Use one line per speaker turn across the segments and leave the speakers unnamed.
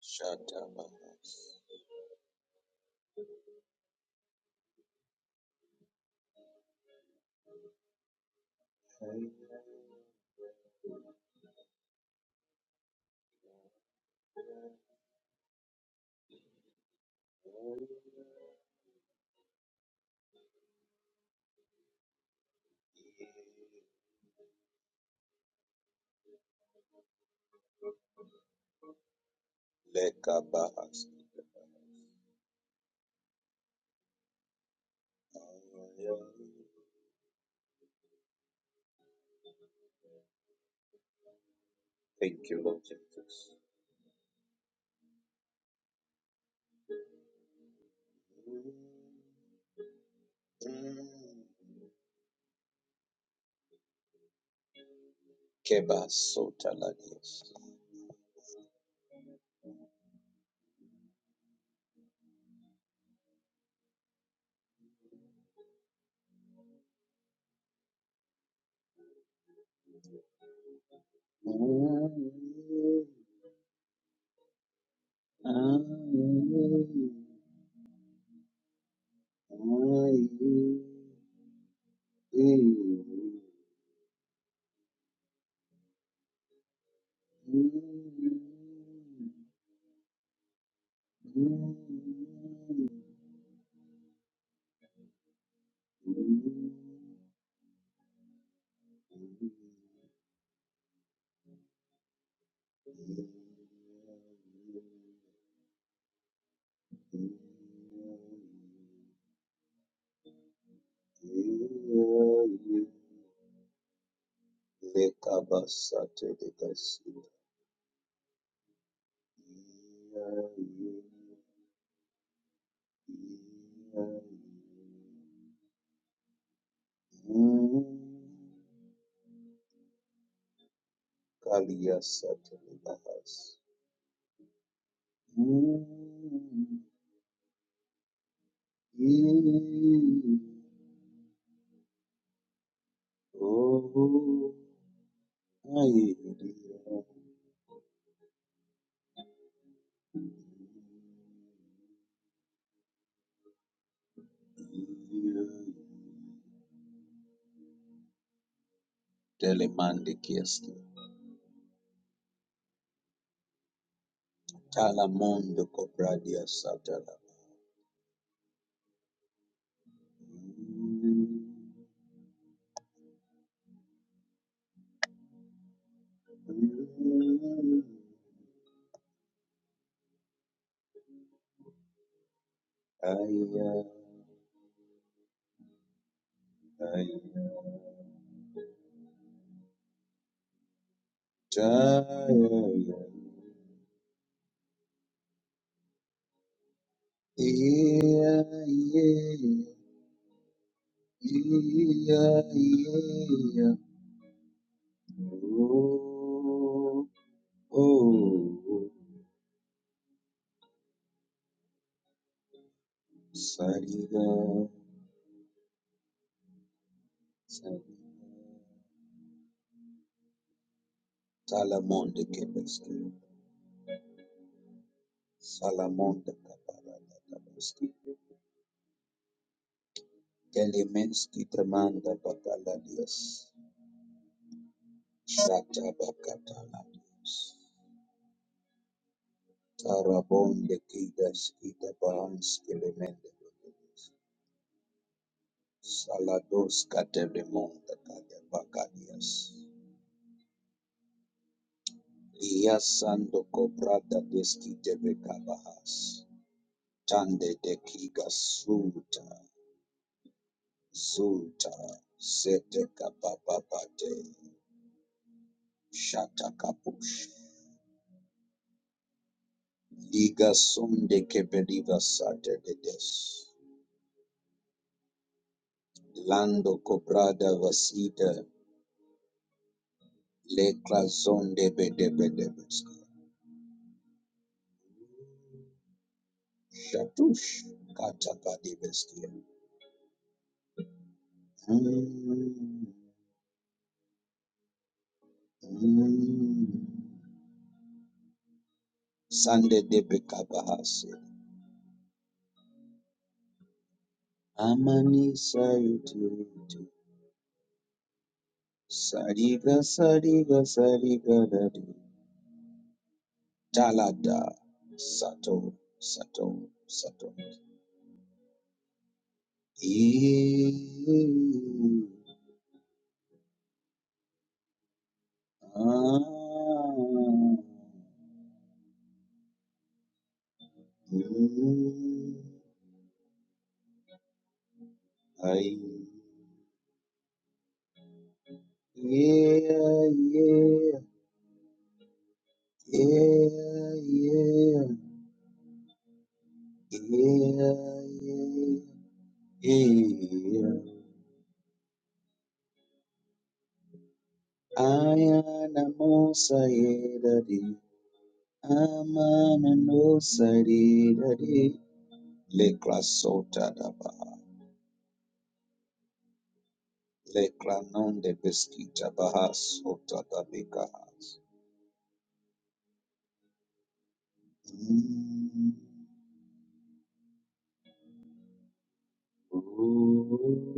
Shatabahas. Lekabahas. Thank you, Lord Jesus. Kebasotaladias. Iya le kabasate de kasia. Iya Iya Iya Kalia sate de bahas. Iya oh iya iya. Telemande kiesti. Talamondo cobradia satala. Aya, aya, jaya, iya, iya, iya, iya, oh, oh, sariga, sariga, salamonde kebeski, salamonde kaparada kabeski, elemenski tremanda bakaladias, shata bakataladias. Sarabonde kidas ita bahans elemende bebedes. Salados kateremonta kadebakadias. Lias sando cobrada deskite bekabahas. Tande de kigas suta, zuta, sete kapapapate, shata kapush. Liga sonde kebeliva sate dedes. Lando cobrada vasita Le clason de bede bede beske. Shatush kataka de beske. Mm, mm. Sande de bekabahase. Amani sayuti yuti. Sariga sariga sariga dadi. Talada sato sato sato. Ee, ah, mm, ai. Yeah, yeah, yeah, yeah, yeah, yeah, yeah. Ayana mosa yedadi, amana no saridadi. Lekra sota daba, lekra non de beskita baha sota dabika. Mm. Ooh.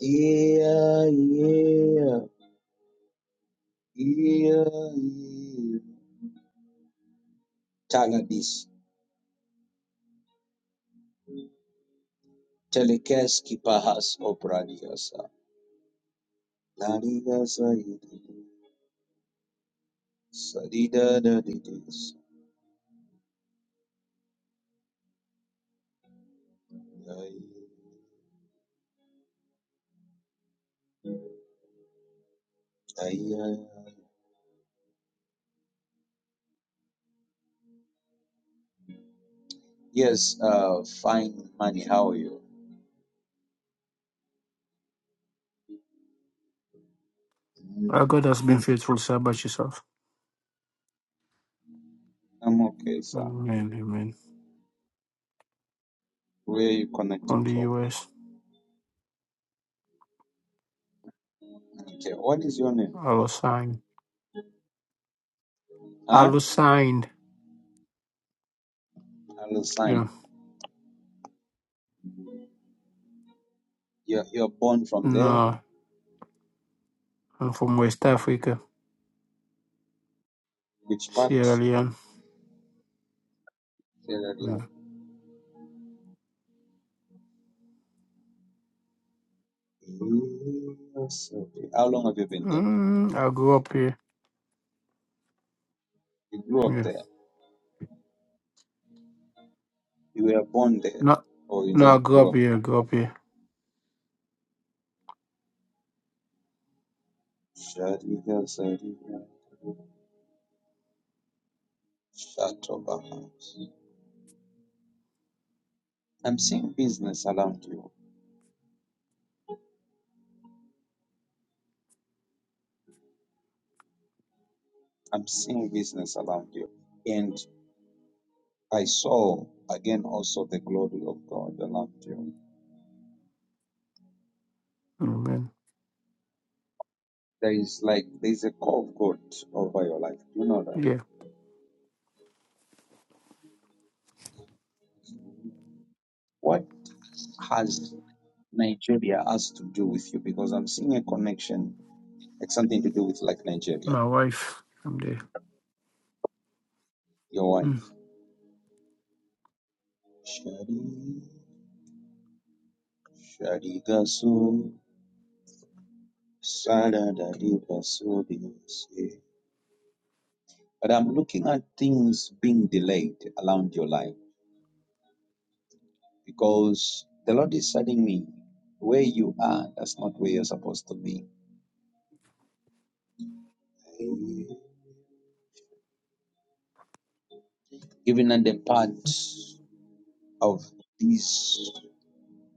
Yeah, yeah, yeah, yeah. Taladis, Telekes Kipahas Opradiasa, Ladigasa Sadidadadidis. Yes, uh, fine money, how are you?
Our God has been faithful, sir, about yourself.
I'm okay, sir.
Amen, amen.
Where are you
From
connecting
the
from?
US,
Okay, what is your name?
Alo signed.
Huh?
Alo signed, yeah.
Alusine. You're, you're born from there?
No, I'm from West Africa,
Which part?
Sierra Leone.
Sierra Leone.
Mm.
Yes, okay. How long have you been there?
Mm, I grew up here,
You grew up
yeah.
there? You were born there?
No,
Or you
no, I
just
grew
grew
up
up
here, I
from?
grew up here.
Shadiga Zadiga Shatobaha. I'm seeing business around you. I'm seeing business around you. And I saw again also the glory of God around you.
Amen.
There is like there's a call of God over your life. Do you know that?
Yeah,
What has Nigeria has to do with you? Because I'm seeing a connection, like something to do with like Nigeria,
my wife, I'm there.
your
Mm.
wife. Shadi Shadi Shadiga Sada da di baso di se. But I'm looking at things being delayed around your life because the Lord is telling me where you are, that's not where you're supposed to be. Even at the part of these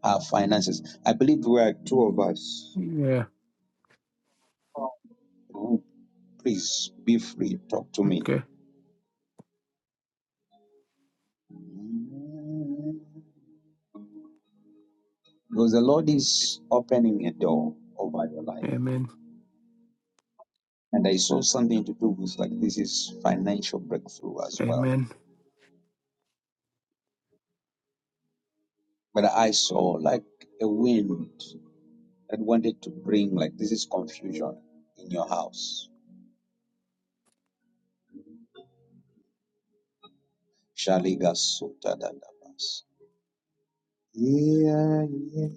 uh, finances, I believe we are two of us.
Yeah,
Oh, Please be free, talk to me.
okay.
Because the Lord is opening a door over your life.
Amen.
And I saw something to do with like this is financial breakthrough as well.
Amen.
But I saw like a wind that wanted to bring like this is confusion in your house. Shaliga sota da Yeah, yeah.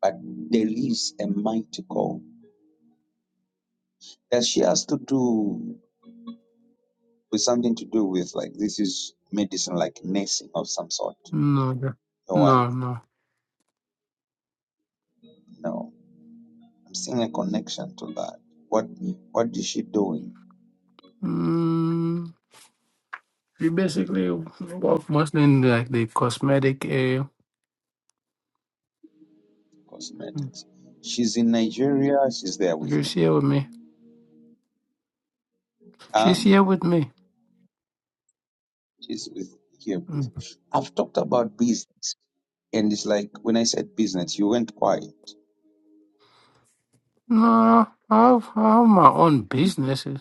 But there is a mighty call that she has to do with something to do with like this is medicine, like nursing of some sort.
No, no,
Your wife,
no. no.
no, I'm seeing a connection to that. What what is she doing?
Mm, we basically work mostly in like the cosmetic area Mm.
Cosmetics. She's in Nigeria. She's there with you.
She's here with me.
Ah,
She's here with me.
she's with here with
Mm.
you. I've talked about business, and it's like when I said business, you went quiet.
No, I have, I have my own businesses.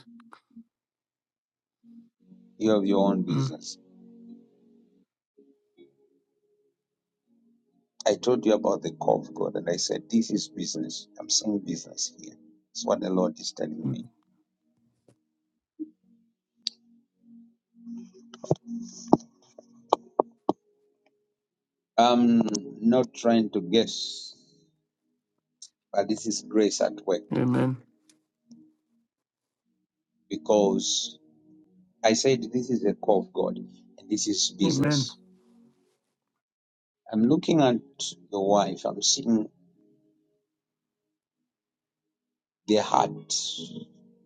You have your own
Mm.
business. I told you about the call of God, and I said this is business. I'm saying business here. It's what the Lord is telling me. I'm not trying to guess, but this is grace at work
Amen.
because I said this is a call of God, and this is
Amen.
business. I'm looking at the wife. I'm seeing. Their heart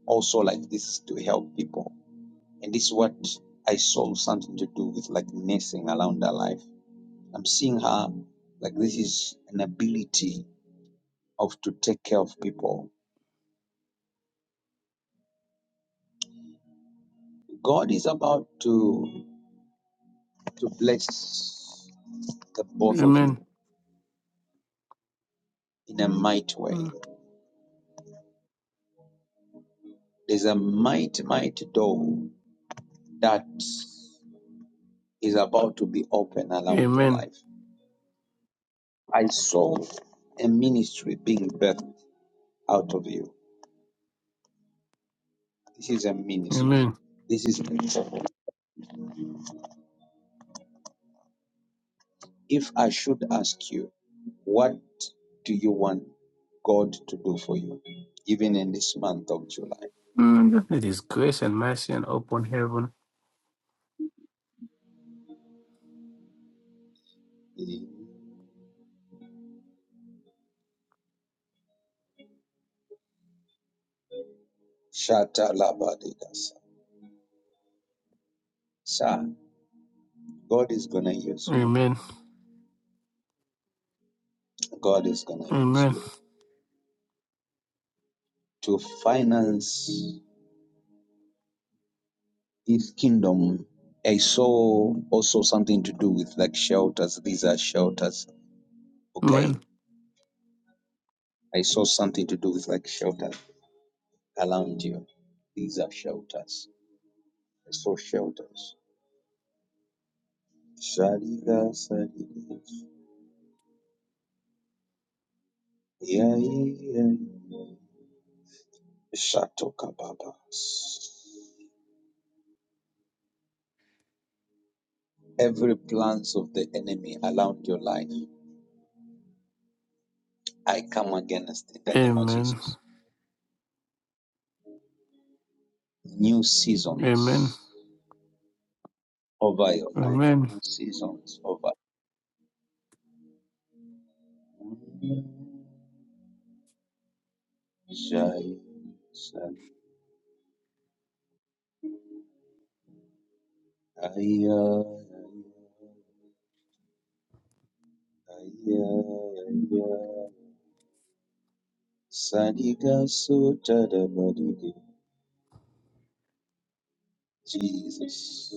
also like this to help people. And this is what I saw something to do with like nursing around her life. I'm seeing her like this is an ability of to take care of people. God is about to to bless the both of
Amen.
you in a mighty way.
Mm.
There's a mighty, mighty door that is about to be open around your
Amen.
life. I saw a ministry being birthed out of you This is a ministry.
Amen.
This is ministry. If I should ask you, what do you want God to do for you, even in this month of July?
Mm. It is grace and mercy and open heaven.
Eh, Shata labadigas. Sir, God is going to use you.
Amen.
God is going to use
Amen.
you to finance His kingdom. I saw also something to do with like shelters. These are shelters. Okay.
Amen.
I saw something to do with like shelters around you. These are shelters So shelters. Shaliga Sadidis. Shatoka Babas. Every plans of the enemy around your life, I come against in the name of
Amen.
Jesus. New
Amen.
seasons over your life.
Amen.
New seasons over. Jai Sal- Aya, Aya, Aya. Jesus.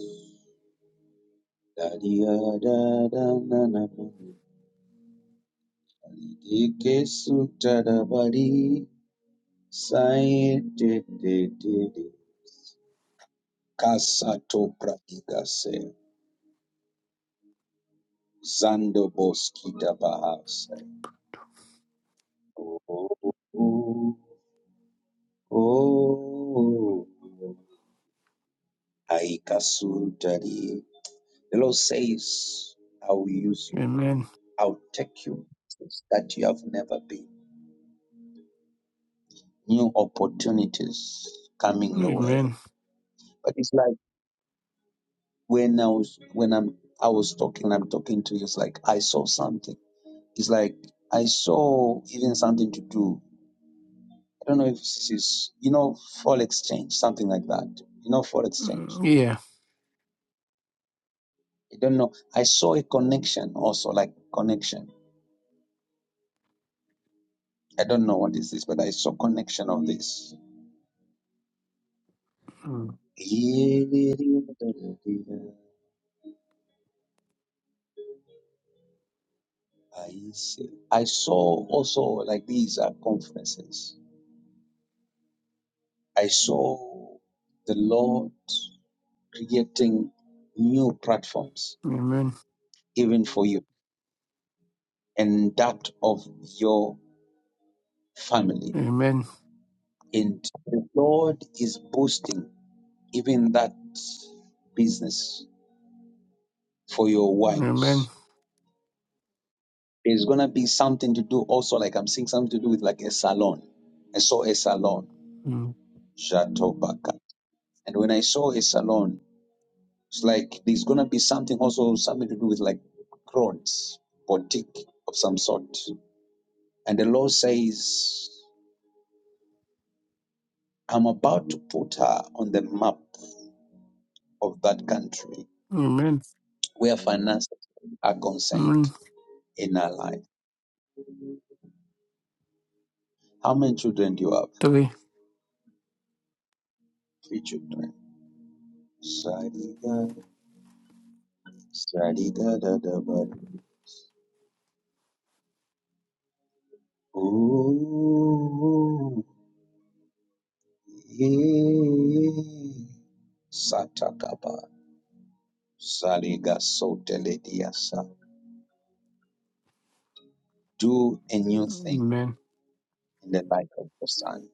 Daria da da na na na. Alidike suta da bari. Sae te te te te. Kasato pratikase. Zando boskita bahase. Oh, oh, oh, oh. oh. Haikasutari. The Lord says, I will use you.
Amen.
I'll take you places that you have never been. new opportunities coming your way.
Amen.
But it's like when I was when I'm I was talking, I'm talking to you, it's like I saw something. It's like I saw even something to do. I don't know if this is you know, for exchange, something like that. You know, for
Mm.
exchange.
Yeah.
I don't know. I saw a connection also, like connection. I don't know what is this, but I saw connection of this.
Mm.
I saw also like these are conferences I saw the Lord creating new platforms,
Amen.
even for you and that of your family.
Amen.
And the Lord is boosting even that business for your
Amen.
wives. There's going to be something to do also, like I'm seeing something to do with like a salon. I saw a salon.
Mm.
Jatobaka. And when I saw a salon, It's like there's gonna be something also something to do with like crowds, boutique of some sort. And the law says, I'm about to put her on the map of that country
Amen.
where finances are concerned
Mm.
in her life. How many children do you have?
Three.
Three children. Sadiga, sadiga da da ba. Ooh, yeah. Satakaba. Saliga sotele dia sa. Do a new thing
Amen.
in the life of your son.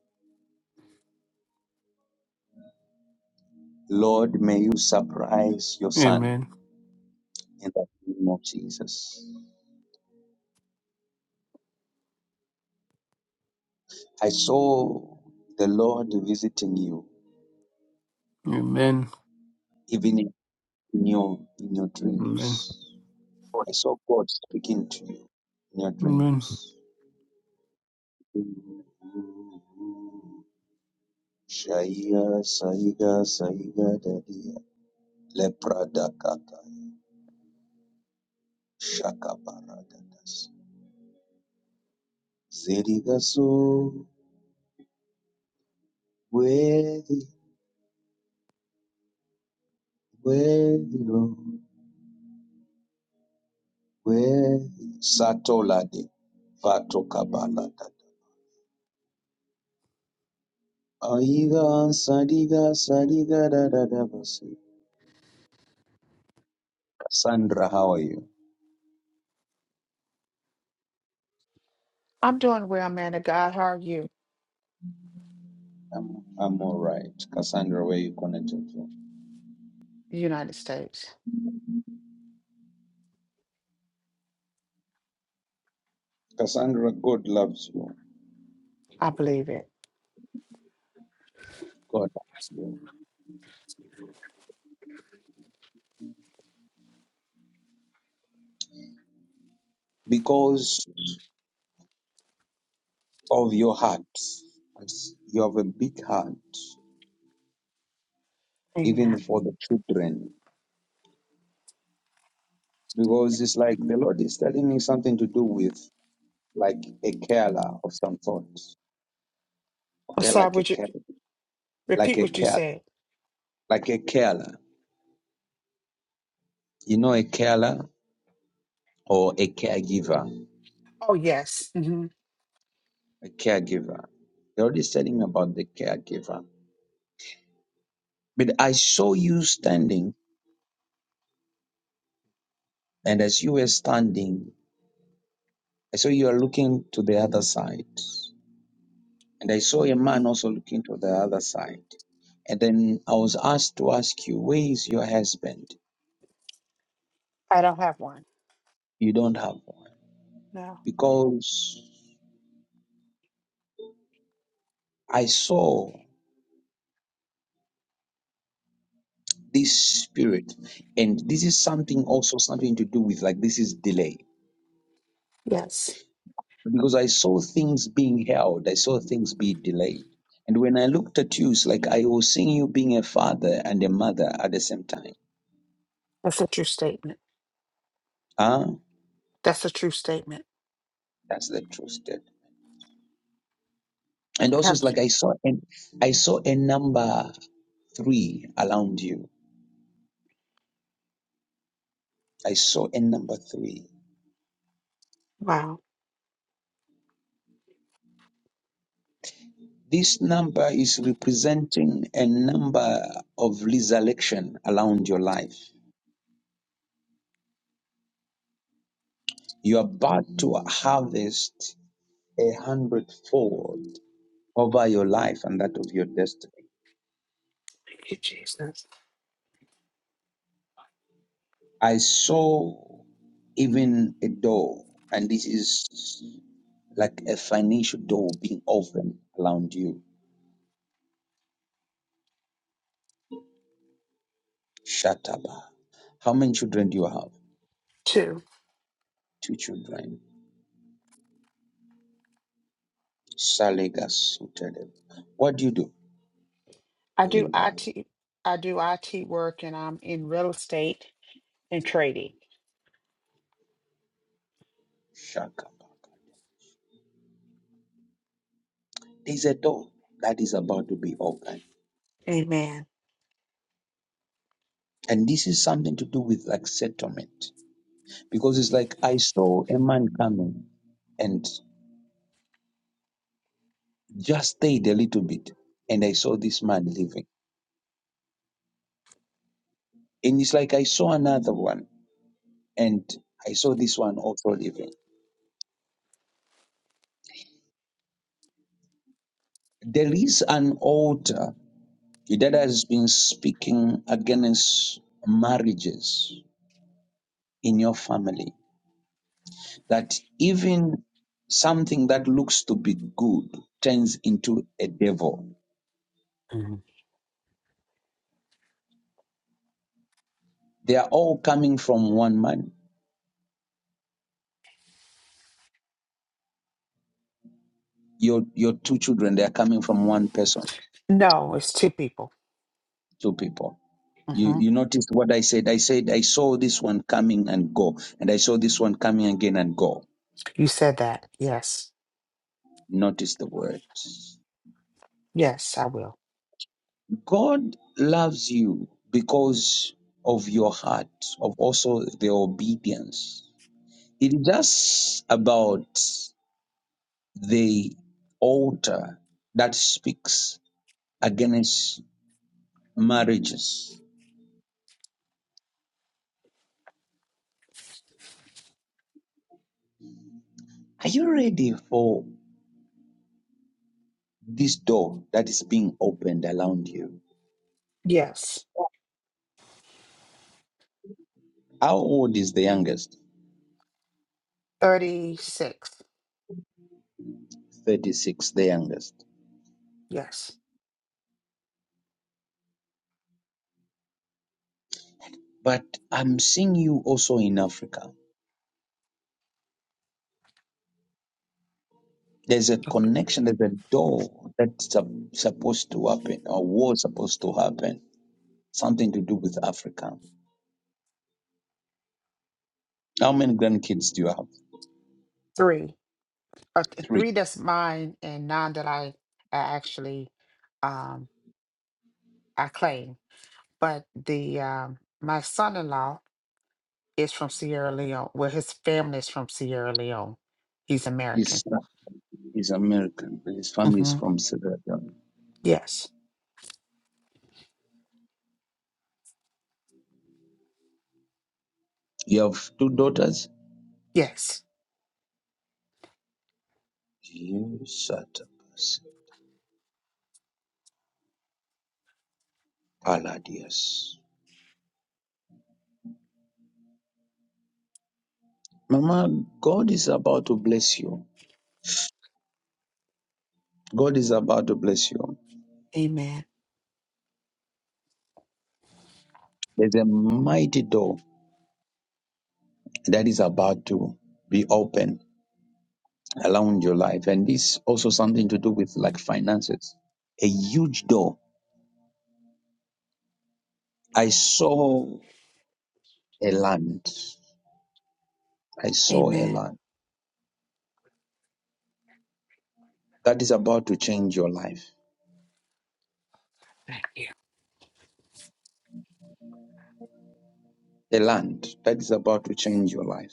Lord, may you surprise your son
Amen.
in the name of Jesus. I saw the Lord visiting you,
Amen.
even in your in your
Amen.
dreams. I saw God speaking to you in your
Amen.
dreams. Shaya Saiga Saiga Dadia Lepra Dakata Shaka Paradadas Zerigaso Worthy, Lord, worthy. Satolade, Vatokabalada. Aiga, Sadiga, Sadiga, da, da, da, basi. Cassandra, how are you?
I'm doing well, man of God. How are you,
I'm, I'm all right. Cassandra, where you connected from?
United States?
Cassandra, God loves you.
I believe it.
God loves you. Because of your heart. As You have a big heart, even
Amen.
for the children. Because it's like the Lord is telling me something to do with like a carer of some sort.
I'm
Okay,
sorry,
like a
would you
care, like
repeat
a
what you
care,
said?
like a carer. You know, a carer or a caregiver.
Oh, yes. hmm
A caregiver. You're already telling about the caregiver. But I saw you standing, and as you were standing, I saw you are looking to the other side, and I saw a man also looking to the other side. And then I was asked to ask you, where is your husband?
I don't have one.
You don't have one
No.
because I saw. this spirit and this is something also something to do with like this is delay
Yes.
because i saw things being held i saw things be delayed and when i looked at you it's like i was seeing you being a father and a mother at the same time
That's a true statement.
ah
That's a true statement.
that's the truth there. and
I
also
have
it's
to,
like i saw and i saw a number three around you i saw a number three
wow.
this number is representing a number of resurrection around your life You're about to harvest a hundredfold over your life and that of your destiny.
Thank you, Jesus.
I saw even a door, and this is like a financial door being opened around you. Shataba. How many children do you have?
Two.
Two children. Salega Sutele. What do you do?
I do
Lena
IT I do IT work and I'm in real estate and trading.
Shakabaka. There's a door that is about to be opened.
Amen.
And this is something to do with like settlement. because it's like I saw a man coming and just stayed a little bit and I saw this man leaving. And it's like I saw another one and I saw this one also leaving. There is an altar that has been speaking against marriages in your family that even something that looks to be good turns into a devil.
Mhm.
They are all coming from one man. Your your two children, they are coming from one person
No, it's two people.
two people. You
hmm
you notice what I said? I said I saw this one coming and go, and I saw this one coming again and go.
You said that. Yes.
Notice the words.
Yes, I will.
God loves you because of your heart, of also the obedience. It is just about the altar that speaks against marriages. Are you ready for this door that is being opened around you?
Yes.
How old is the youngest?
36.
36, the youngest.
Yes.
But I'm seeing you also in Africa. There's a
Okay.
connection, there's a door that's sup- supposed to happen or was supposed to happen. Something to do with Africa. How many grandkids do you have?
Three. Uh, th-
Three.
three that's mine and nine that I, I actually um I claim. But the um my son-in-law is from Sierra Leone. Well, his family is from Sierra Leone. He's
His
American.
son is American, but his family is
hmm
from Sierra Leone.
Yes.
You have two daughters?
Yes.
You shut up. Palladius. Mama, God is about to bless you. God is about to bless you.
Amen.
There's a mighty door that is about to be open around your life. And this also something to do with like finances. A huge door. I saw a land. I saw a
Amen.
land that is about to change your life. A land that is about to change your life.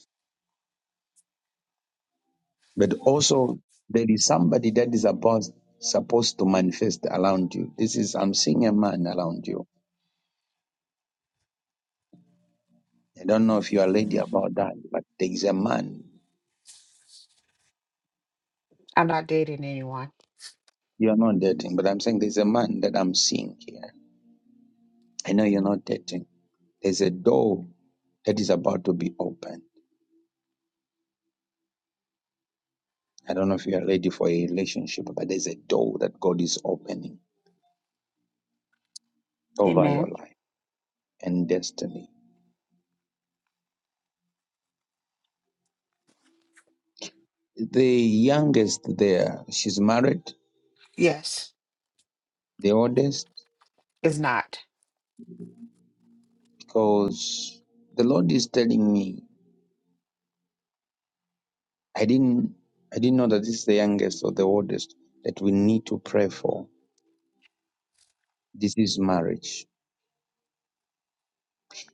But also there is somebody that is about supposed to manifest around you. This is I'm seeing a man around you. I don't know if you are lady about that, but there is a man.
I'm not dating anyone.
You are not dating, but I'm saying there's a man that I'm seeing here I know you're not dating. There's a door that is about to be opened. I don't know if you are ready for a relationship, but there's a door that God is opening over your
Amen.
life and destiny. The youngest there, she's married,
Yes.
the oldest,
Is not.
because the Lord is telling me, I didn't I didn't know that this is the youngest or the oldest that we need to pray for. This is marriage.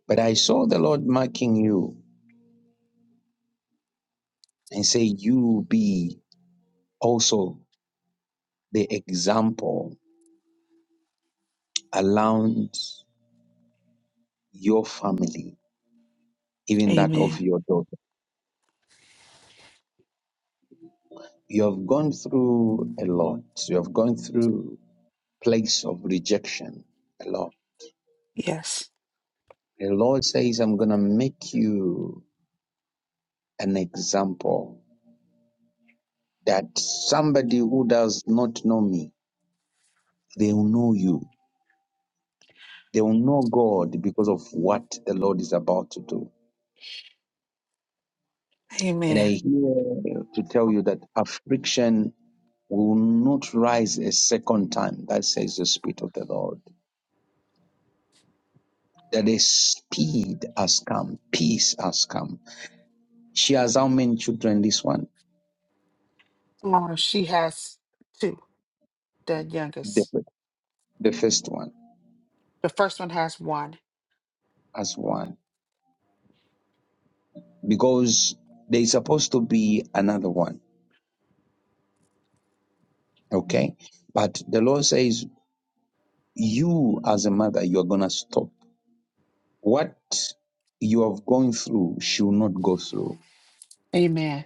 But I saw the Lord marking you and say, You be also. the example around your family, even that of
Amen.
your daughter. You have gone through a lot. You have gone through place of rejection a lot.
Yes.
The Lord says, I'm going to make you an example that somebody who does not know me, they will know you. They will know God because of what the Lord is about to do. And I
Amen.
hear to tell you that affliction will not rise a second time. That says the Spirit of the Lord. That a speed has come, peace has come. She has how many children? This one,
Oh, she has two, the
the,
youngest.
the first one,
The first one has one.
has one. Because there is supposed to be another one, okay? But the Lord says, you as a mother, you are going to stop. What you have gone through, she will not go through.
Amen.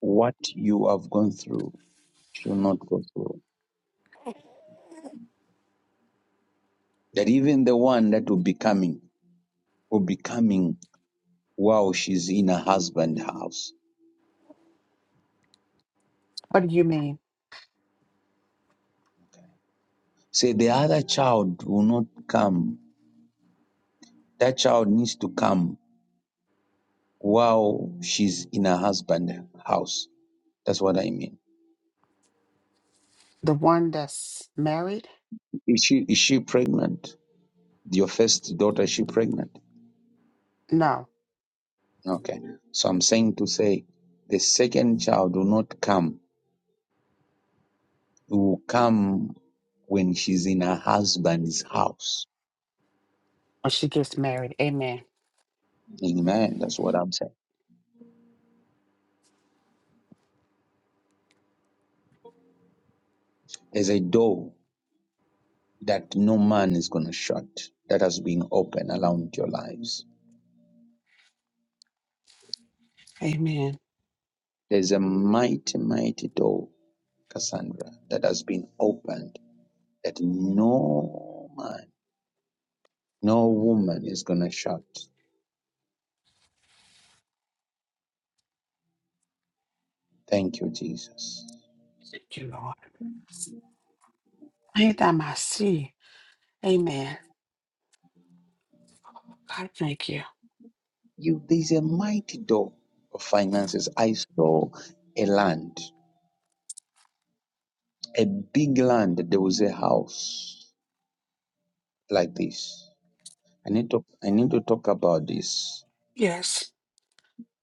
What you have gone through, she will not go through. That even the one that will be coming for becoming while she's in her husband's house.
What do you mean?
Say the other child will not come. That child needs to come while she's in her husband's house. That's what I mean.
The one that's married?
Is she is she pregnant? Your first daughter, is she pregnant?
No.
Okay. So I'm saying to say the second child will not come. It will come when she's in her husband's house.
When she gets married. Amen.
Amen. That's what I'm saying. There's a door. that no man is going to shut that has been open around your lives.
Amen.
There's a mighty, mighty door, Cassandra, that has been opened that no man, no woman is going to shut. Thank you, Jesus.
Thank you, Lord. Ain't that my see? Amen. God, thank you.
You, there's a mighty door of finances. I saw a land, a big land. There was a house like this. I need to, I need to talk about this,
Yes.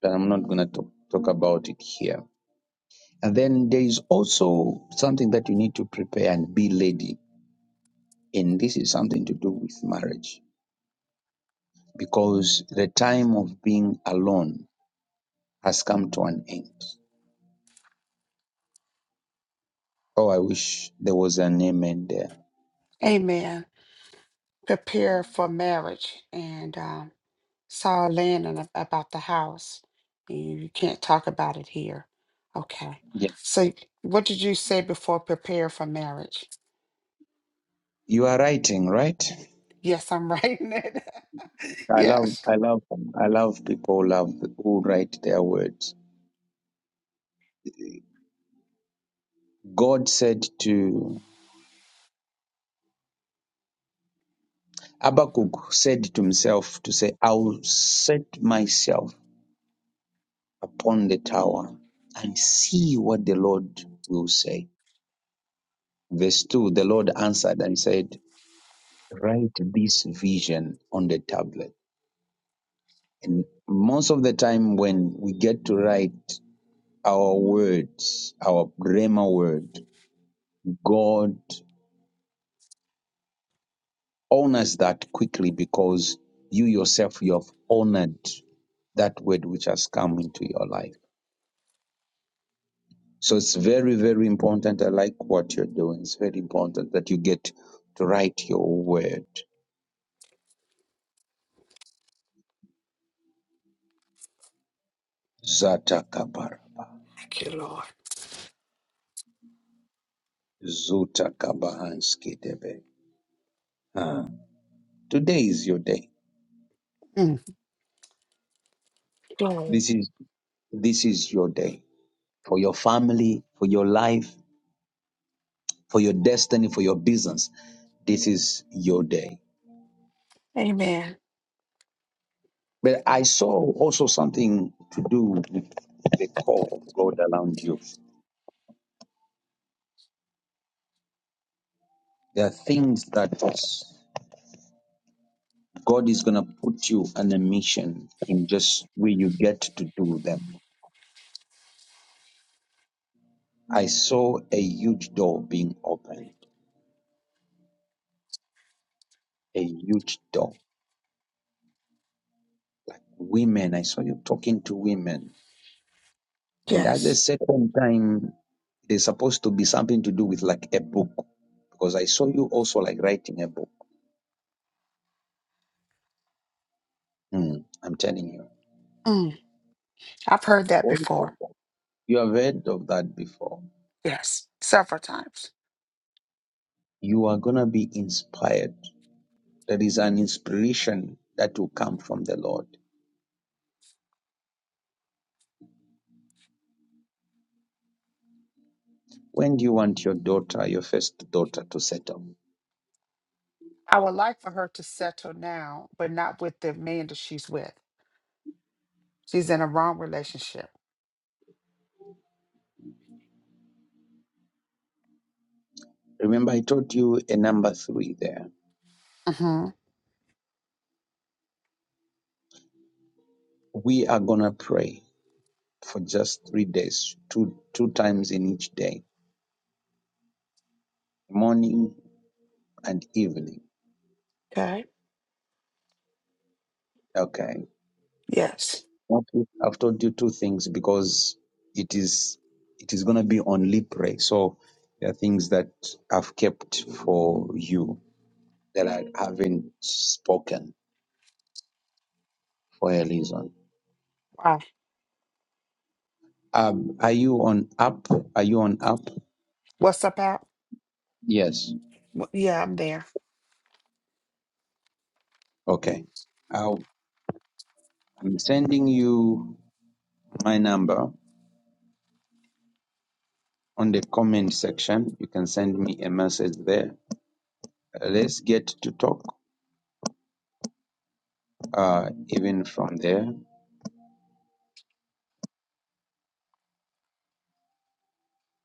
but I'm not going to talk, talk about it here And then there is also something that you need to prepare and be ready. And this is something to do with marriage because the time of being alone has come to an end. Oh, I wish there was an amen there.
Amen. Prepare for marriage. And um, saw Landon ab- about the house. You can't talk about it here. Okay.
Yeah.
So, what did you say before prepare for marriage?
You are writing, right?
Yes, I'm writing it.
I love,
yes.
I love, I love people who love who write their words. God said to Habakkuk said to himself to say, "I'll set myself." upon the tower and see what the Lord will say. Verse 2 The Lord answered and said, Write this vision on the tablet. And most of the time, when we get to write our words, our Rhema word, God honors that quickly because you yourself, you have honored that word which has come into your life. So it's very, very important. I like what you're doing. It's very important that you get to write your word. Zata kabara.
Thank you, Lord.
Zuta kabahanski debe. Ah. Today is your day.
Glory.
This is this is your day. For your family, for your life, for your destiny, for your business. This is your day.
Amen.
But I saw also something to do with the call of God around you. There are things that God is going to put you on a mission in just where you get to do them. I saw a huge door being opened, a huge door. Women, I saw you talking to women. And at the
Yes.
second time, there's supposed to be something to do with like a book, because I saw you also like writing a book. Hmm, I'm telling you.
Mm, I've heard that
All of
before.
that. You have heard of that before.
Yes. Several times.
You are going to be inspired. There is an inspiration that will come from the Lord When do you want your daughter, your first daughter, to settle?
I would like for her to settle now, but not with the man that she's with. She's in a wrong relationship.
Remember, I told you a number three there.
Mm-hmm.
We are gonna pray for just three days, two two times in each day, morning and evening.
Okay.
Okay.
Yes.
Okay. I've told you two things because it is it is gonna be only pray. So there are things that I've kept for you that I haven't spoken for a reason.
Wow.
Um, are you on app? Are you on app?
What's up, Al?
Yes.
W- Yeah, I'm there.
Okay. I'll, I'm sending you my number on the comment section. You can send me a message there. Uh, Let's get to talk uh, even from there.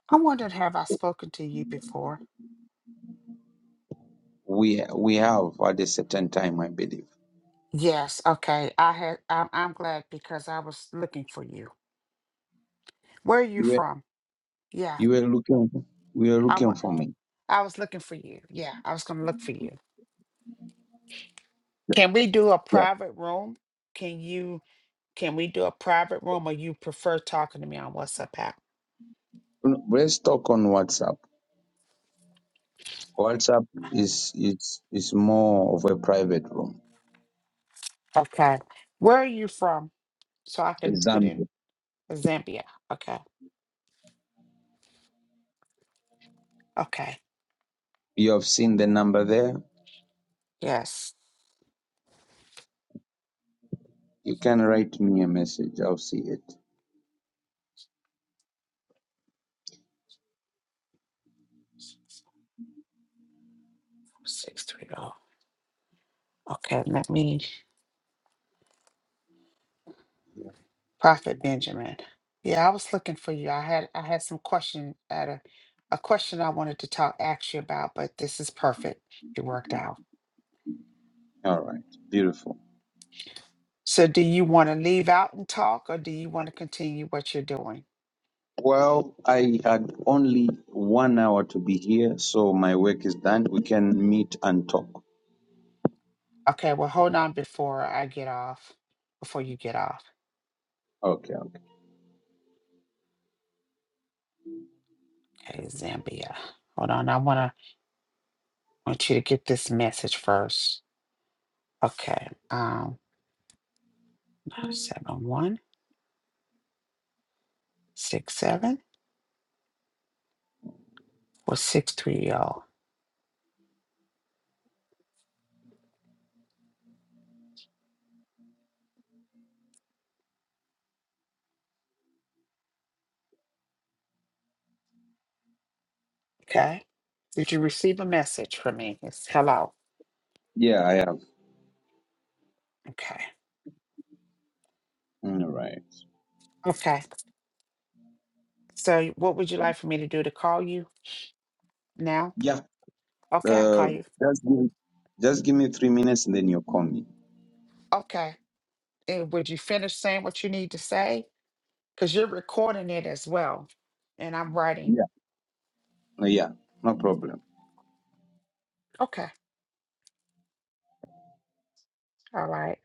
I wondered, have I spoken to you before?
We we have at a certain time, I believe.
Yes. Okay. I had. I'm, I'm glad because I was looking for you. Where are you
You were
from? Yeah.
you were looking we were
I
looking
want.
for me.
I was looking for you. Yeah. I was gonna look for you. Can we do a
Yeah.
private room? Can you can we do a private room or you prefer talking to me on WhatsApp app?
No, Let's talk on WhatsApp. WhatsApp is is is more of a private room.
Okay. Where are you from? So I can put in
Example.
Zambia. Okay. Okay.
You have seen the number there.
Yes.
You can write me a message. I'll see it.
Six three oh. Okay. Let me
Yeah.
Prophet Benjamin. Yeah, I was looking for you. I had I had some question at a a question I wanted to talk ask you about, but this is perfect. It worked out.
All right, beautiful.
So do you want to leave out and talk or do you want to continue what you're doing?
Well, I had only one hour to be here, so my work is done. We can meet and talk.
Okay, well, hold on before I get off, before you get off.
Okay, okay.
Okay, Zambia. Hold on. I wanna want you to get this message first. Okay. Um seven one six seven or six three oh. Okay. Did you receive a message from me? It's hello.
Yeah, I have.
Okay.
All right.
Okay. So what would you like for me to do to call you now?
Yeah.
Okay, I
Uh,
call you.
just give, just give me three minutes and then you call me.
Okay. And would you finish saying what you need to say? Because you're recording it as well. And I'm writing.
Yeah. Yeah. No problem.
Okay. All right.